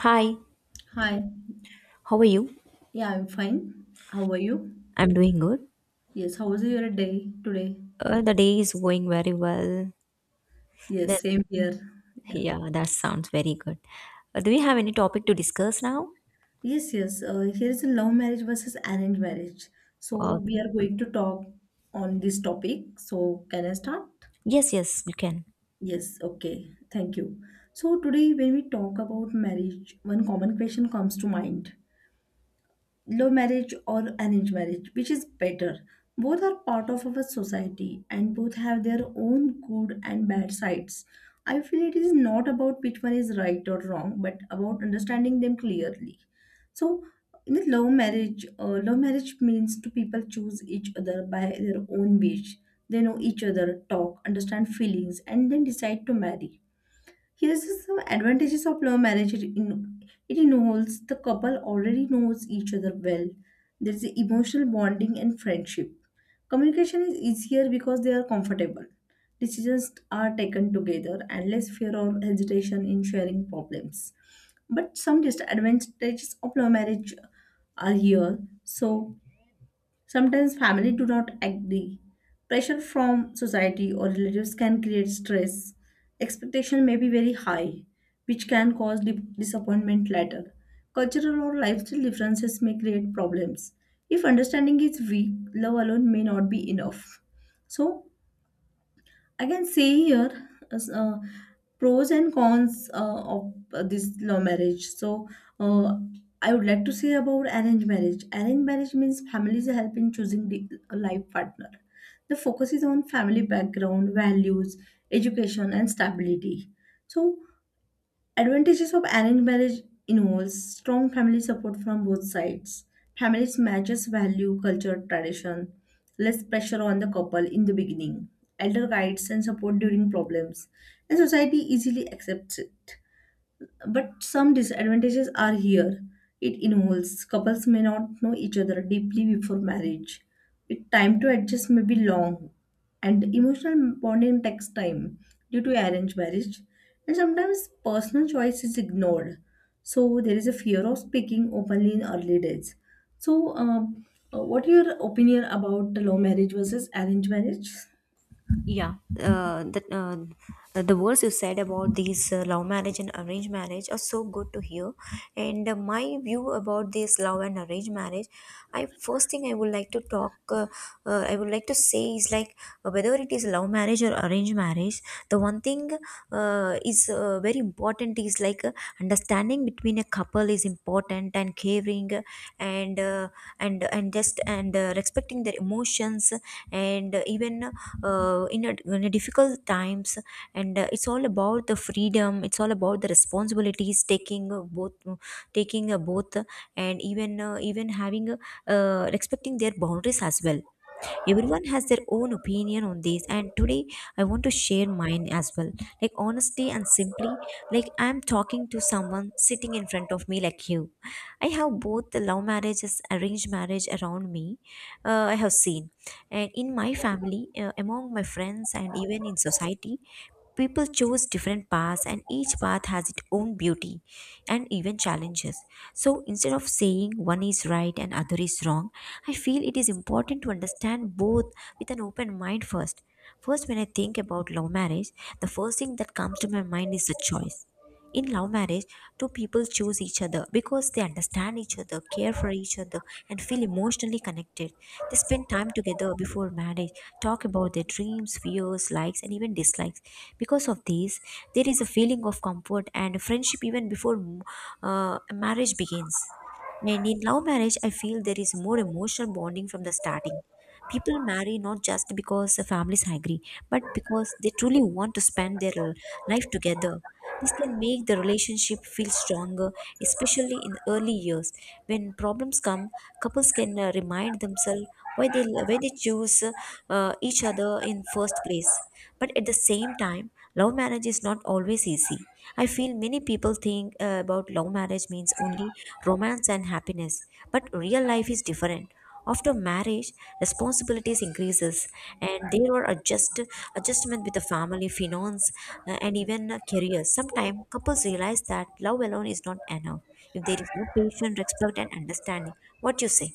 Hi, Hi. how are you? Yeah, I'm fine. How are you? I'm doing good. Yes, how was your day today? The day is going very well. Then, Yes, same here. Yeah. yeah, that sounds very good. Do we have any topic to discuss now? Yes, yes. Here is a love marriage versus arranged marriage. So Uh, we are going to talk on this topic. So can I start? yes, yes, you can. Yes, okay. Thank you. So today when we talk about marriage, one common question comes to mind. Law marriage or arranged marriage, which is better? Both are part of our society and both have their own good and bad sides. I feel it is not about which one is right or wrong, but about understanding them clearly. So, in the love marriage means two people choose each other by their own wish. They know each other, talk, understand feelings, and then decide to marry. Here's the some advantages of love marriage. It involves the couple already knows each other well. There's the emotional bonding and friendship. Communication is easier because they are comfortable. Decisions are taken together and less fear or hesitation in sharing problems. But some disadvantages of love marriage are here. So, sometimes family do not agree. Pressure from society or relatives can create stress. Expectation may be very high, which can cause disappointment later. Cultural or lifestyle differences may create problems. If understanding is weak, love alone may not be enough. So, I can see here as, pros and cons of this law marriage. So, uh, I would like to say about arranged marriage. Arranged marriage means families help in choosing the life partner. The focus is on family background, values, education, and stability. So, advantages of arranged marriage involves strong family support from both sides. Families matches value, culture, tradition, less pressure on the couple in the beginning, elder guides and support during problems, and society easily accepts it. But some disadvantages are here. It involves couples may not know each other deeply before marriage. It time to adjust may be long, and emotional bonding takes time due to arranged marriage. And sometimes personal choice is ignored. So there is a fear of speaking openly in early days. So, what your opinion about the law marriage versus arranged marriage? Yeah, uh, the uh, the words you said about these love marriage and arranged marriage are so good to hear, and my view about this love and arranged marriage, I first thing I would like to talk, I would like to say is like whether it is love marriage or arranged marriage, the one thing is very important is like understanding between a couple is important and caring, and uh, and respecting their emotions, and even in a difficult times, and it's all about the freedom, it's all about the responsibilities taking both, and even having respecting their boundaries as well. Everyone has their own opinion on this, and today I want to share mine as well, like honestly and simply, like I'm talking to someone sitting in front of me like you. I have both the love marriages arranged marriage around me, I have seen. And in my family, among my friends, and even in society, people chose different paths, and each path has its own beauty and even challenges. So instead of saying one is right and other is wrong, I feel it is important to understand both with an open mind first. First, when I think about love marriage, the first thing that comes to my mind is the choice. In love marriage, two people choose each other because they understand each other, care for each other, and feel emotionally connected. They spend time together before marriage, talk about their dreams, fears, likes, and even dislikes. Because of this, there is a feeling of comfort and friendship even before marriage begins. And in love marriage, I feel there is more emotional bonding from the starting. People marry not just because the families agree, but because they truly want to spend their life together. This can make the relationship feel stronger, especially in early years. When problems come, couples can remind themselves why they choose each other in first place. But at the same time, love marriage is not always easy. I feel many people think about love marriage means only romance and happiness, but real life is different. After marriage, responsibilities increases, and there are adjustment with the family, finance, and even career. Sometimes couples realize that love alone is not enough if there is no patience, respect, and understanding. What you say?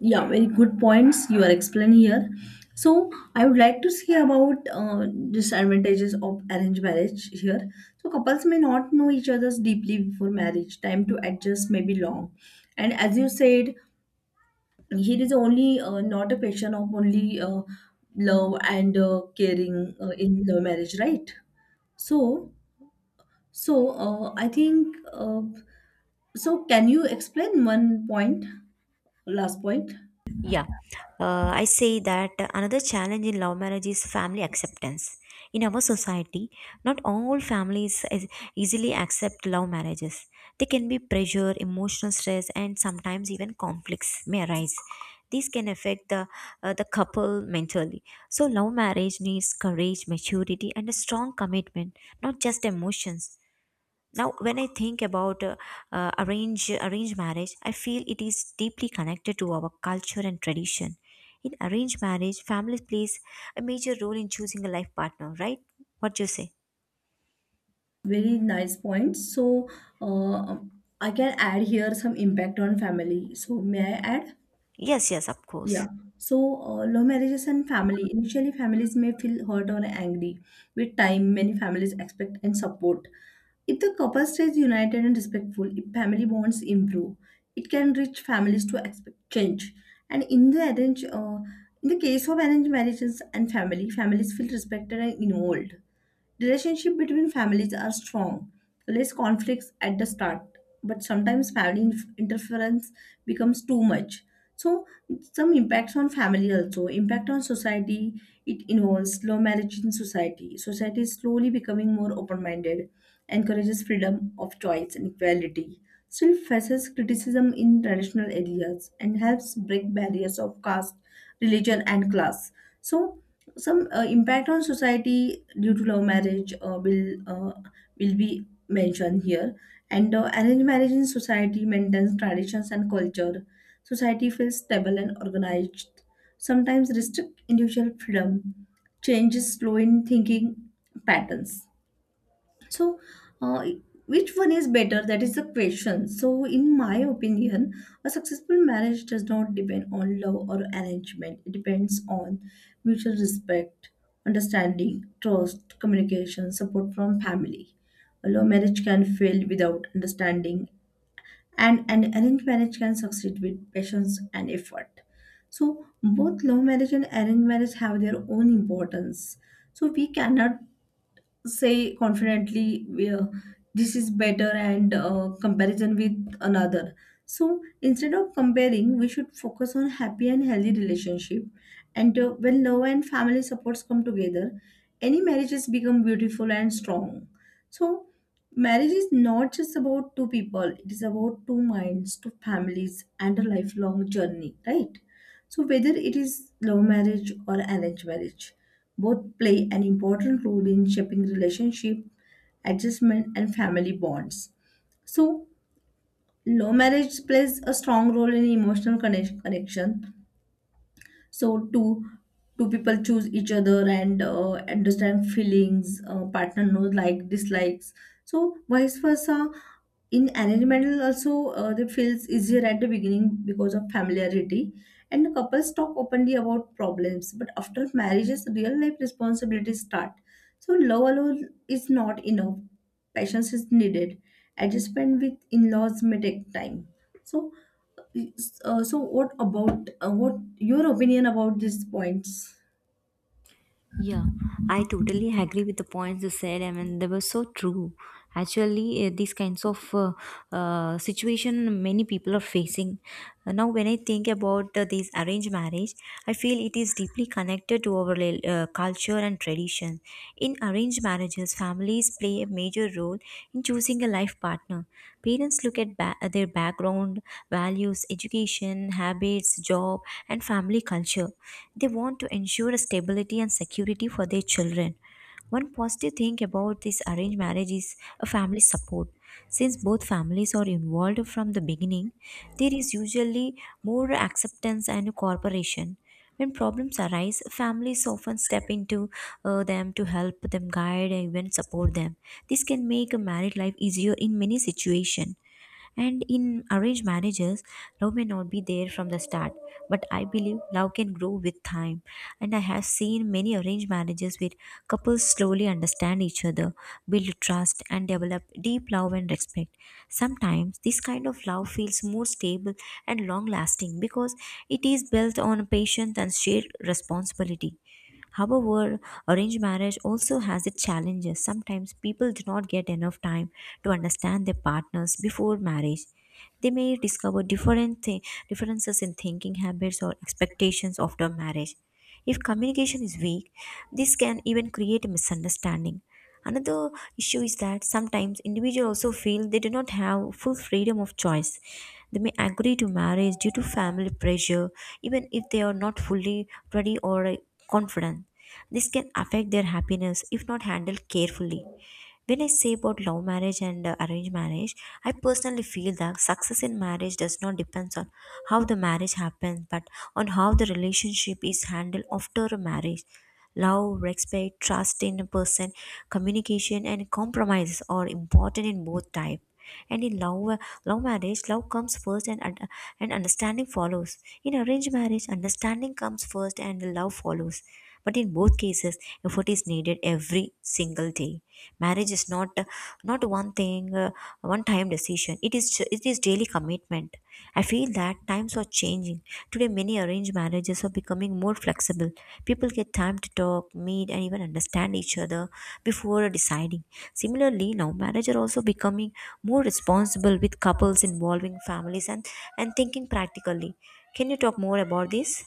Yeah, very good points you are explaining here. So, I would like to see about disadvantages of arranged marriage here. So, couples may not know each other's deeply before marriage. Time to adjust may be long, and as you said, here is only not a question of only love and caring in the marriage, right? So, I think. Can you explain one point, last point? Yeah, I say that another challenge in love marriage is family acceptance. In our society, not all families is- easily accept love marriages. There can be pressure, emotional stress, and sometimes even conflicts may arise. These can affect the couple mentally. So, love marriage needs courage, maturity, and a strong commitment, not just emotions. Now when I think about arranged marriage, I feel it is deeply connected to our culture and tradition. In arranged marriage, families plays a major role in choosing a life partner, right? What do you say? Very nice point. So, uh, I can add here some impact on family. So, may I add? Yes, yes, of Yeah. course. So, love marriages and family. Initially, families may feel hurt or angry. With time, many families expect and support. If the couple stays united and respectful, if family bonds improve, it can reach families to expect change. And in the case of arranged marriages and family, families feel respected and involved. Relationship between families are strong, less conflicts at the start, but sometimes family interference becomes too much. So some impacts on family also, impact on society, it involves slow marriage in society. Society is slowly becoming more open-minded, encourages freedom of choice and equality, still faces criticism in traditional areas and helps break barriers of caste, religion and class. So some impact on society due to love marriage will will be mentioned here. And arranged marriage in society maintains traditions and culture. Society feels stable and organized. Sometimes restrict individual freedom. Changes slow in thinking patterns. So, uh, which one is better? That is the question. So, in my opinion, a successful marriage does not depend on love or arrangement. It depends on mutual respect, understanding, trust, communication, support from family. A love marriage can fail without understanding, and an arranged marriage can succeed with patience and effort. So, both love marriage and arranged marriage have their own importance. So, we cannot say confidently, yeah, this is better and comparison with another. So, instead of comparing we should focus on happy and healthy relationship, and when love and family supports come together, any marriages become beautiful and strong. So marriage is not just about two people, it is about two minds, two families and a lifelong journey, right? So, whether it is love marriage or arranged marriage, both play an important role in shaping relationship, adjustment, and family bonds. So, love marriage plays a strong role in emotional connection, so two people choose each other and understand feelings, partner knows like dislikes, so vice versa. In arranged marriage also, they feels easier at the beginning because of familiarity, and the couples talk openly about problems, but after marriages real life responsibilities start. So love alone is not enough, patience is needed, adjustment with in-laws may take time. So, what about what your opinion about these points? Yeah, I totally agree with the points you said. I mean, they were so true. Actually, these kinds of situation many people are facing. Now, when I think about this arranged marriage, I feel it is deeply connected to our rel- culture and tradition. In arranged marriages, families play a major role in choosing a life partner. Parents look at ba- their background, values, education, habits, job, and family culture. They want to ensure stability and security for their children. One positive thing about this arranged marriage is a family support. Since both families are involved from the beginning, there is usually more acceptance and cooperation. When problems arise, families often step into them to help them guide and even support them. This can make a married life easier in many situations. And in arranged marriages, love may not be there from the start, but I believe love can grow with time. And I have seen many arranged marriages where couples slowly understand each other, build trust, and develop deep love and respect. Sometimes this kind of love feels more stable and long lasting because it is built on patience and shared responsibility. However, arranged marriage also has its challenges. Sometimes people do not get enough time to understand their partners before marriage. They may discover different thi- differences in thinking habits or expectations after marriage. If communication is weak, this can even create a misunderstanding. Another issue is that sometimes individuals also feel they do not have full freedom of choice. They may agree to marriage due to family pressure, even if they are not fully ready or confident. This can affect their happiness if not handled carefully. When I say about love marriage and arranged marriage, I personally feel that success in marriage does not depend on how the marriage happens, but on how the relationship is handled after a marriage. Love, respect, trust in a person, communication, and compromises are important in both types. And in love marriage, love comes first and and understanding follows. In arranged marriage, understanding comes first and love follows. But in both cases, effort is needed every single day. Marriage is not one thing, one time decision. It is daily commitment. I feel that times are changing. Today, many arranged marriages are becoming more flexible. People get time to talk, meet, and even understand each other before deciding. Similarly, now marriage are also becoming more responsible, with couples involving families and thinking practically. Can you talk more about this?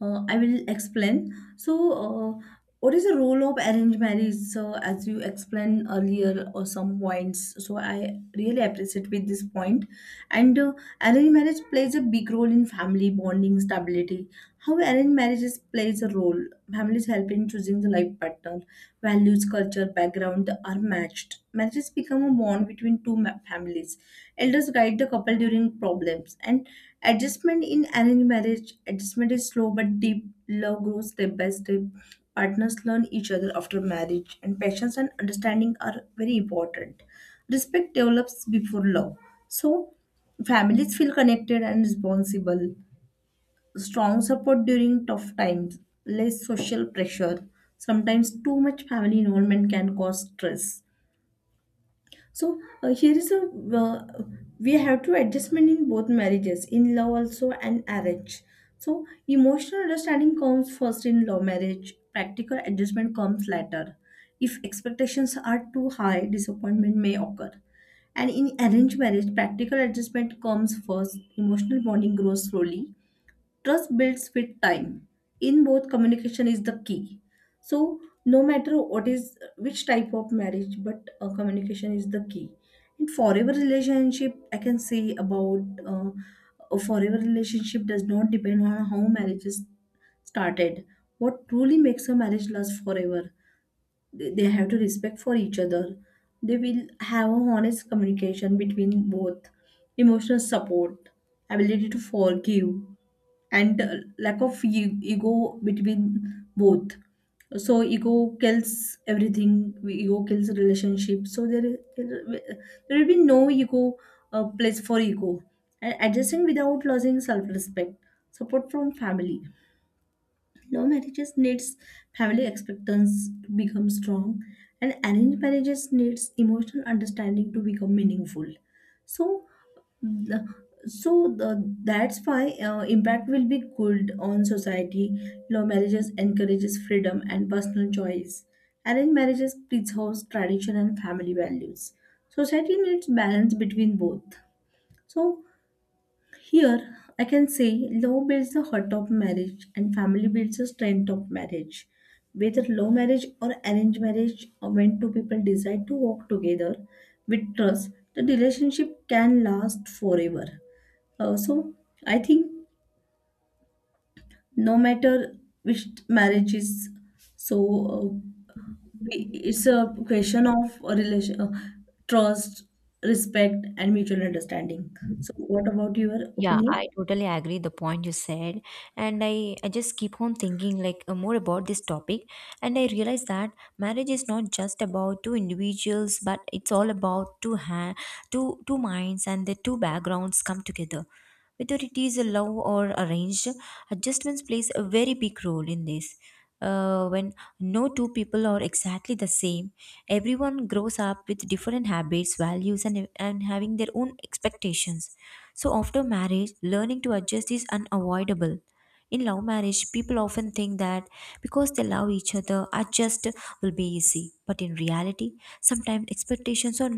I will explain. So, what is the role of arranged marriage? So, as you explained earlier, or some points. So, I really appreciate with this point. And arranged marriage plays a big role in family bonding stability. How arranged marriages plays a role? Families help in choosing the life partner, values, culture, background are matched. Marriages become a bond between two families. Elders guide the couple during problems. And adjustment in arranged marriage, adjustment is slow but deep. Love grows step by step. Partners learn each other after marriage, and patience and understanding are very important. Respect develops before love. So, families feel connected and responsible, strong support during tough times, less social pressure. Sometimes too much family involvement can cause stress. So here is a uh, we have to adjustment in both marriages, in love also and arrange. So emotional understanding comes first in love marriage. Practical adjustment comes later. If expectations are too high, disappointment may occur. And in arranged marriage, practical adjustment comes first. Emotional bonding grows slowly. Trust builds with time. In both, communication is the key. So, no matter what is which type of marriage, but communication is the key. In forever relationship, I can say about a forever relationship does not depend on how marriages started. What truly makes a marriage last forever, they have to respect for each other, they will have a honest communication between both, emotional support, ability to forgive, and lack of ego between both. So ego kills everything, ego kills relationship. So there will be no ego, place for ego, and adjusting without losing self respect, support from family. Love marriages needs family expectations to become strong, and arranged marriages needs emotional understanding to become meaningful. So, the, that's why impact will be good on society. Love marriages encourages freedom and personal choice. Arranged marriages preserves tradition and family values. Society needs balance between both. So here, I can say law builds the heart of marriage and family builds the strength of marriage. Whether law marriage or arranged marriage, or when two people decide to walk together with trust, the relationship can last forever. So, I think no matter which marriage is, so uh, it's a question of a relation, trust, respect, and mutual understanding. So, what about your Yeah, I opinion? totally agree the point you said. And I just keep on thinking like more about this topic. And I realize that marriage is not just about two individuals, but it's all about two minds and the two backgrounds come together. Whether it is a love or arranged, adjustments plays a very big role in this. When no two people are exactly the same, everyone grows up with different habits, values, and having their own expectations. So after marriage, learning to adjust is unavoidable. In love marriage, people often think that because they love each other, adjust will be easy. But in reality, sometimes expectations are,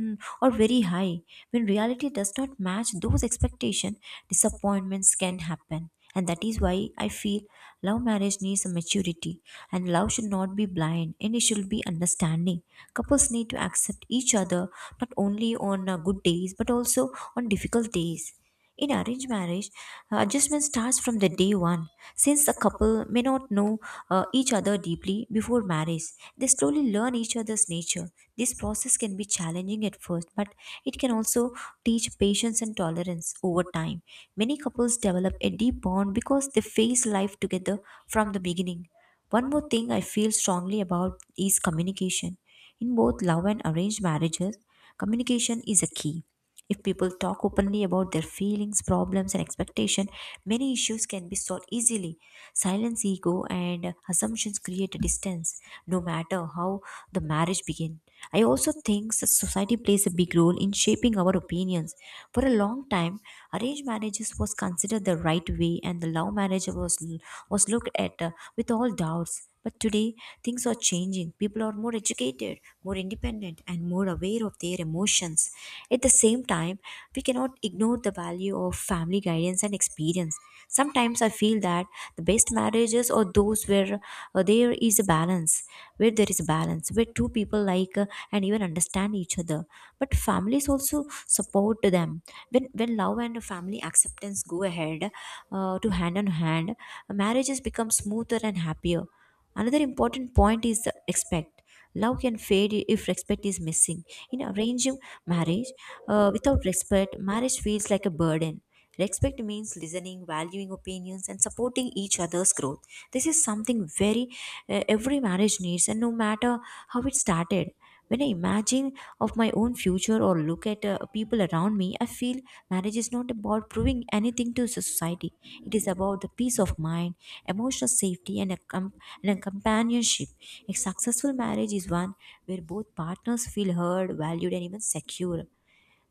are very high. When reality does not match those expectations, disappointments can happen. And that is why I feel love marriage needs a maturity. And love should not be blind and it should be understanding. Couples need to accept each other not only on good days but also on difficult days. In arranged marriage, adjustment starts from the day one. Since a couple may not know each other deeply before marriage, they slowly learn each other's nature. This process can be challenging at first, but it can also teach patience and tolerance over time. Many couples develop a deep bond because they face life together from the beginning. One more thing I feel strongly about is communication. In both love and arranged marriages, communication is a key. If people talk openly about their feelings, problems, and expectation, many issues can be solved easily. Silence, ego, and assumptions create a distance, no matter how the marriage begin. I also think that society plays a big role in shaping our opinions. For a long time, arranged marriages was considered the right way, and the love marriage was looked at with all doubts. But today, things are changing. People are more educated, more independent, and more aware of their emotions. At the same time, we cannot ignore the value of family guidance and experience. Sometimes I feel that the best marriages are those uh, there is a balance, where there is a balance, where two people like and even understand each other. But families also support them. When love and family acceptance go ahead to hand on hand, marriages become smoother and happier. Another important point is respect. Love can fade if respect is missing. In arranged marriage, without respect, marriage feels like a burden. Respect means listening, valuing opinions, and supporting each other's growth. This is something very every marriage needs, and no matter how it started. When I imagine of my own future or look at people around me, I feel marriage is not about proving anything to society. It is about the peace of mind, emotional safety, and and a companionship. A successful marriage is one where both partners feel heard, valued, and even secure.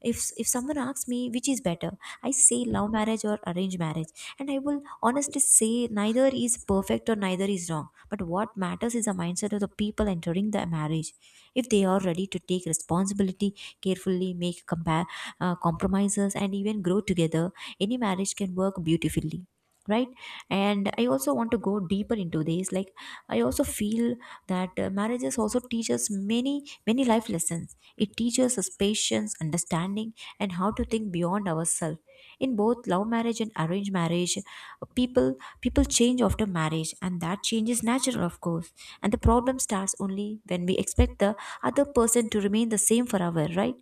If someone asks me which is better, I say love marriage or arranged marriage, and I will honestly say neither is perfect or neither is wrong, but what matters is the mindset of the people entering the marriage. If they are ready to take responsibility, carefully make compromises, and even grow together, any marriage can work beautifully, right? And I also want to go deeper into this. Like, I also feel that marriages also teaches many life lessons. It teaches us patience, understanding, and how to think beyond ourselves. In both love marriage and arranged marriage, people change after marriage, and that change is natural, of course. And the problem starts only when we expect the other person to remain the same forever, right?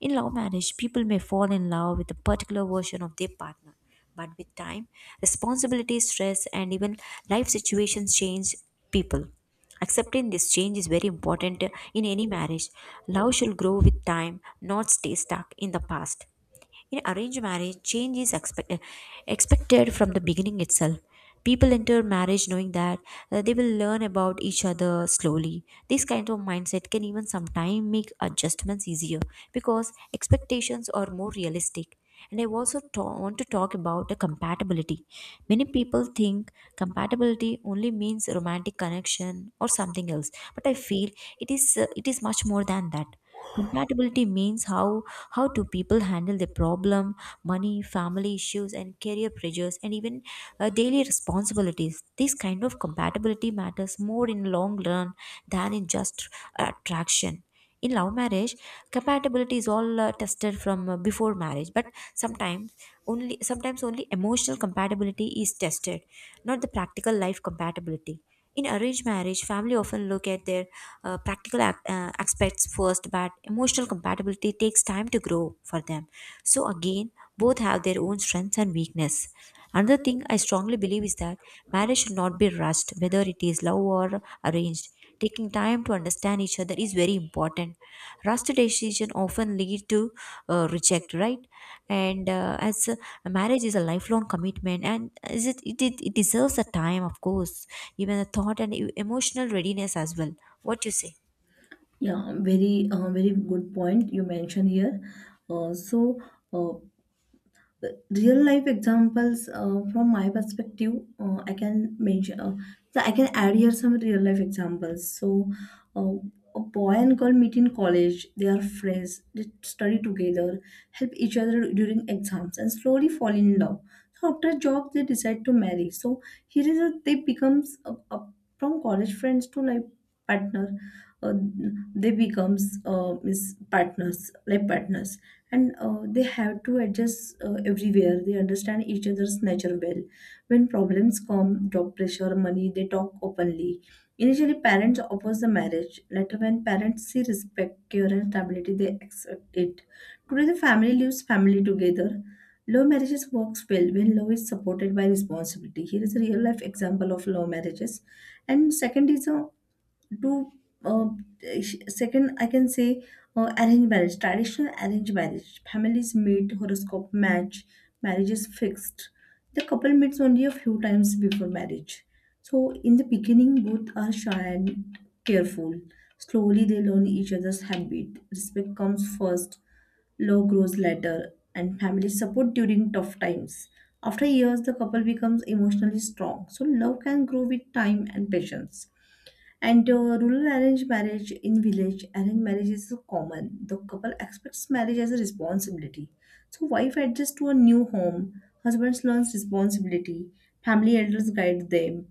In love marriage, people may fall in love with a particular version of their partner, but with time, responsibility, stress, and even life situations change people. Accepting this change is very important in any marriage. Love should grow with time, not stay stuck in the past. In arranged marriage, change is expected from the beginning itself. People enter marriage knowing that they will learn about each other slowly. This kind of mindset can even sometimes make adjustments easier because expectations are more realistic. And I also want to talk about the compatibility. Many people think compatibility only means romantic connection or something else, but I feel it is much more than that. Compatibility means how do people handle their problem, money, family issues, and career pressures, and even daily responsibilities. This kind of compatibility matters more in long run than in just attraction. In love marriage, compatibility is all tested from before marriage, but sometimes, only sometimes, only emotional compatibility is tested, not the practical life compatibility. In arranged marriage, family often look at their aspects first, but emotional compatibility takes time to grow for them. So again, both have their own strengths and weakness. Another thing I strongly believe is that marriage should not be rushed, whether it is love or arranged. Taking time to understand each other is very important. Rushed decision often lead to reject, right? And as marriage is a lifelong commitment, and is it, it it it deserves a time, of course, even a thought and emotional readiness as well. What you say? Yeah, very good point you mentioned here. So uh, real life examples from my perspective, uh, i can mention uh, I can add here some real life examples. So uh, a boy and girl meet in college, they are friends, they study together, help each other during exams and slowly fall in love. So after job they decide to marry. So, they becomes a from college friends to life partner. uh, they becomes is partners life partners, and they have to adjust everywhere, they understand each other's nature well. When problems come, job pressure, money, they talk openly. Initially parents oppose the marriage, later when parents see respect, care and stability, they accept it. Today the family lives family together. Love marriages works well when love is supported by responsibility. Here is a real life example of love marriages. And second is a do uh, sh- second I can say, arranged marriage, traditional arranged marriage, families meet, horoscope match, marriage is fixed. The couple meets only a few times before marriage. So in the beginning both are shy and careful, slowly they learn each other's habit, respect comes first, love grows later, and family support during tough times. After years the couple becomes emotionally strong, so love can grow with time and patience. And rural arranged marriage, in village, arranged marriage is so common. The couple expects marriage as a responsibility. So wife adjusts to a new home, husband learns responsibility, family elders guide them,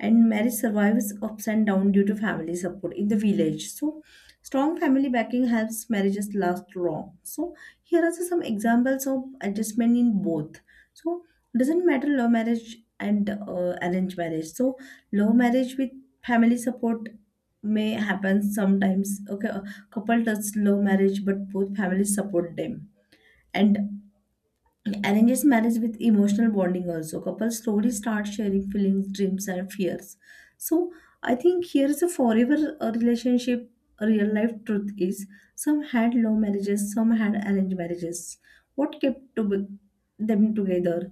and marriage survives ups and downs due to family support in the village. So, strong family backing helps marriages last long. So, here are some examples of adjustment in both. So, doesn't matter love marriage and arranged marriage. So, love marriage with family support may happen sometimes. Okay, a couple does love marriage, but both families support them. And arranges marriage with emotional bonding also. Couples slowly start sharing feelings, dreams, and fears. So I think here is a forever relationship. A real life truth is some had love marriages, some had arranged marriages. What kept to be- them together?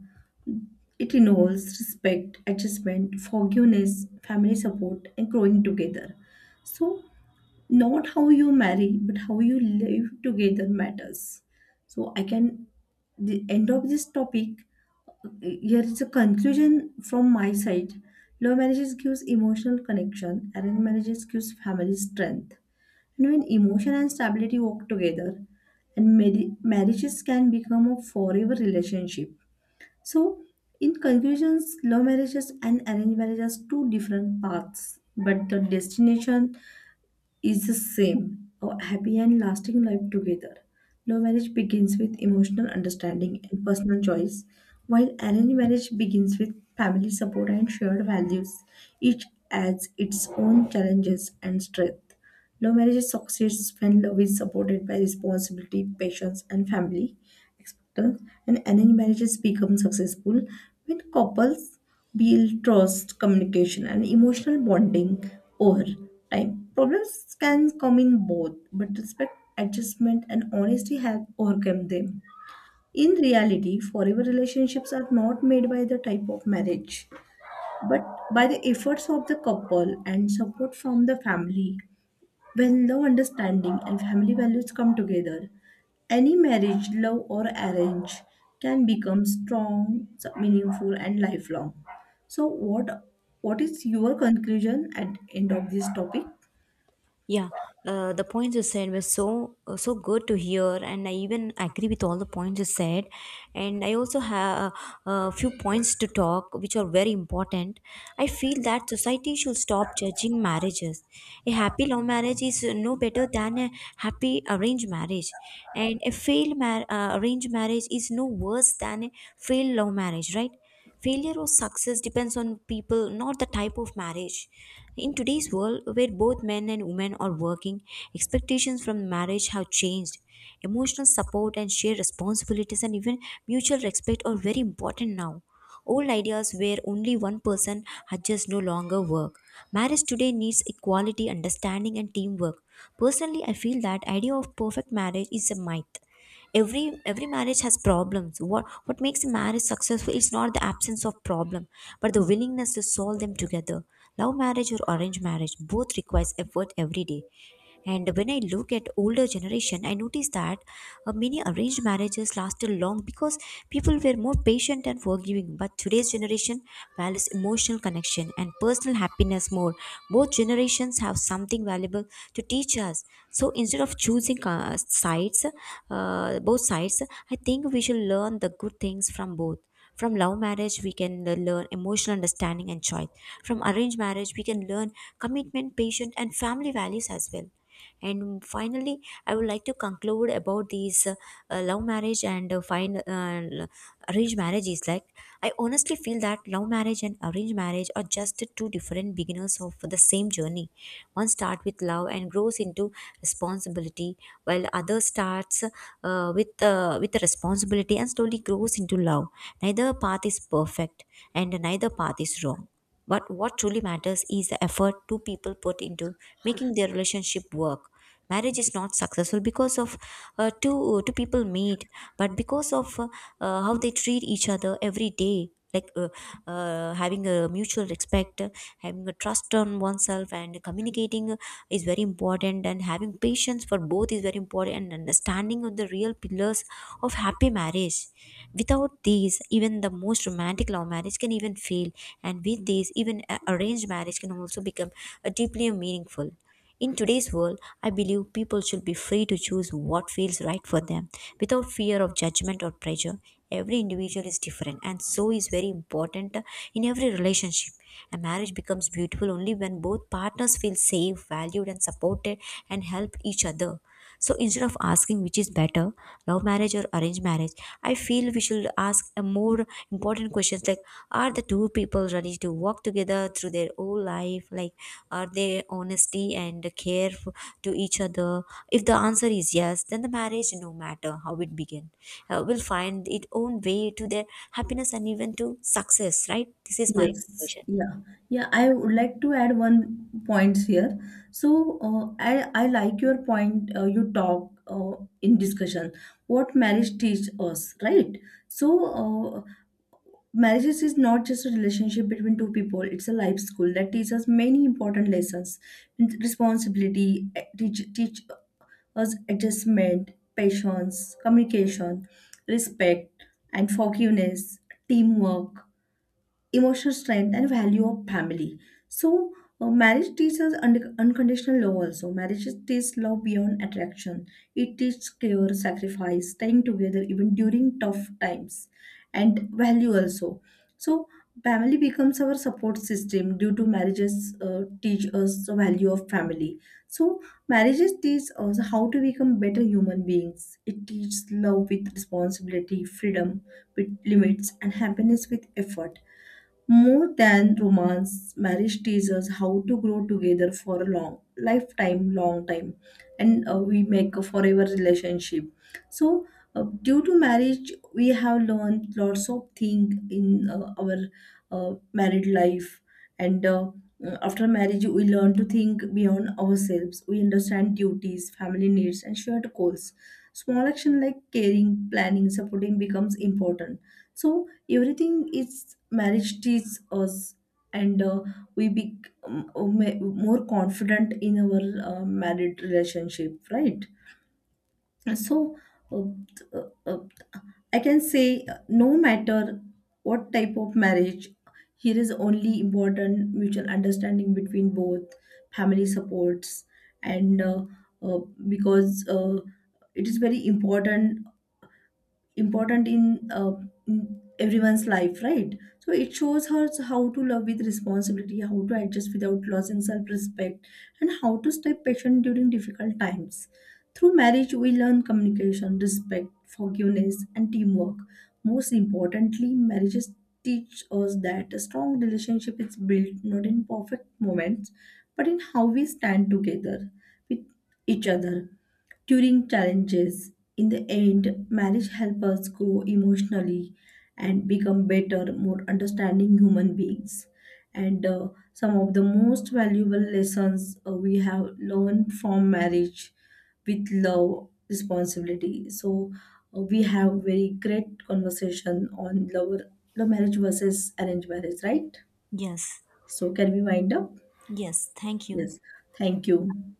It involves respect, adjustment, forgiveness, family support, and growing together. So not how you marry but how you live together matters, so I can the end of this topic, here is a conclusion from my side. Love marriages gives emotional connection, arranged marriages gives family strength, and when emotion and stability work together, and marriages can become a forever relationship. So in conclusions, love marriages and arranged marriages are two different paths, but the destination is the same, a happy and lasting life together. Love marriage begins with emotional understanding and personal choice, while arranged marriage begins with family support and shared values. Each adds its own challenges and strength. Love marriage succeeds when love is supported by responsibility, patience, and family expectance, and arranged marriages become successful when couples build trust, communication, and emotional bonding over time. Problems can come in both, but respect, adjustment, and honesty help overcome them. In reality, forever relationships are not made by the type of marriage, but by the efforts of the couple and support from the family. When love, understanding and family values come together, any marriage, love or arrange, can become strong, meaningful and lifelong. So what is your conclusion at end of this topic? Yeah, the points you said were so so good to hear, and I even agree with all the points you said. And I also have a few points to talk, which are very important. I feel that society should stop judging marriages. A happy love marriage is no better than a happy arranged marriage, and a arranged marriage is no worse than a failed love marriage, right? Failure or success depends on people, not the type of marriage. In today's world, where both men and women are working, expectations from marriage have changed. Emotional support and shared responsibilities and even mutual respect are very important now. Old ideas where only one person had just no longer work. Marriage today needs equality, understanding, and teamwork. Personally, I feel that idea of perfect marriage is a myth. Every marriage has problems. What makes a marriage successful is not the absence of problem, but the willingness to solve them together. Love marriage or arranged marriage, both requires effort every day. And when I look at older generation, I notice that many arranged marriages lasted long because people were more patient and forgiving, but today's generation values emotional connection and personal happiness more. Both generations have something valuable to teach us. So instead of choosing both sides, I think we should learn the good things from both. From love marriage, we can learn emotional understanding and choice. From arranged marriage, we can learn commitment, patience, and family values as well. And finally, I would like to conclude about these love marriage and fine arranged marriage is like, I honestly feel that love marriage and arranged marriage are just the two different beginners of the same journey. One starts with love and grows into responsibility, while the other starts with the responsibility and slowly grows into love. Neither path is perfect, and neither path is wrong. But what truly matters is the effort two people put into making their relationship work. Marriage is not successful because of uh, two two people meet, but because of how they treat each other every day. Like, having a mutual respect, having a trust on oneself, and communicating is very important, and having patience for both is very important, and understanding of the real pillars of happy marriage. Without these, even the most romantic love marriage can even fail, and with these, even arranged marriage can also become deeply meaningful. In today's world, I believe people should be free to choose what feels right for them without fear of judgment or pressure. Every individual is different, and so is very important in every relationship. A marriage becomes beautiful only when both partners feel safe, valued, and supported and help each other. So instead of asking which is better, love marriage or arranged marriage, I feel we should ask a more important questions like, are the two people ready to walk together through their whole life? Like, are they honesty and to each other? If the answer is yes, then the marriage, no matter how it began, will find its own way to their happiness and even to success. Right? This is my Yes, conclusion. yeah, yeah. I would like to add one point here. So, I like your point. You talk, in discussion. What marriage teaches us, right? So, uh, marriages is not just a relationship between two people. It's a life school that teaches many important lessons: responsibility, teach us adjustment, patience, communication, respect, and forgiveness, teamwork, emotional strength and value of family. So marriage teaches unconditional love. Also marriage teaches love beyond attraction. It teaches care, sacrifice, staying together even during tough times, and value also. So family becomes our support system due to marriages. Uh, teach us the value of family. So marriages teach us how to become better human beings. It teaches love with responsibility, freedom with limits, and happiness with effort. More than romance, marriage teaches how to grow together for a long lifetime, long time, and we make a forever relationship. So, due to marriage, we have learned lots of things in our married life, and after marriage, we learn to think beyond ourselves. We understand duties, family needs, and shared goals. Small action like caring, planning, supporting becomes important. So, everything is marriage teaches us, and we become more confident in our married relationship, right? So uh, uh, uh, I can say no matter what type of marriage, here is only important mutual understanding between both, family supports, and uh, because it is very important, important in, uh, in everyone's life, right? So it shows her how to love with responsibility, how to adjust without losing self respect, and how to stay patient during difficult times. Through marriage, we learn communication, respect, forgiveness, and teamwork. Most importantly, marriages teach us that a strong relationship is built not in perfect moments, but in how we stand together with each other during challenges. In the end, marriage helps us grow emotionally and become better, more understanding human beings. And some of the most valuable lessons we have learned from marriage with love, responsibility. So we have very great conversation on love, love marriage versus arranged marriage, right? Yes. So can we wind up? Yes. Thank you. Yes. Thank you.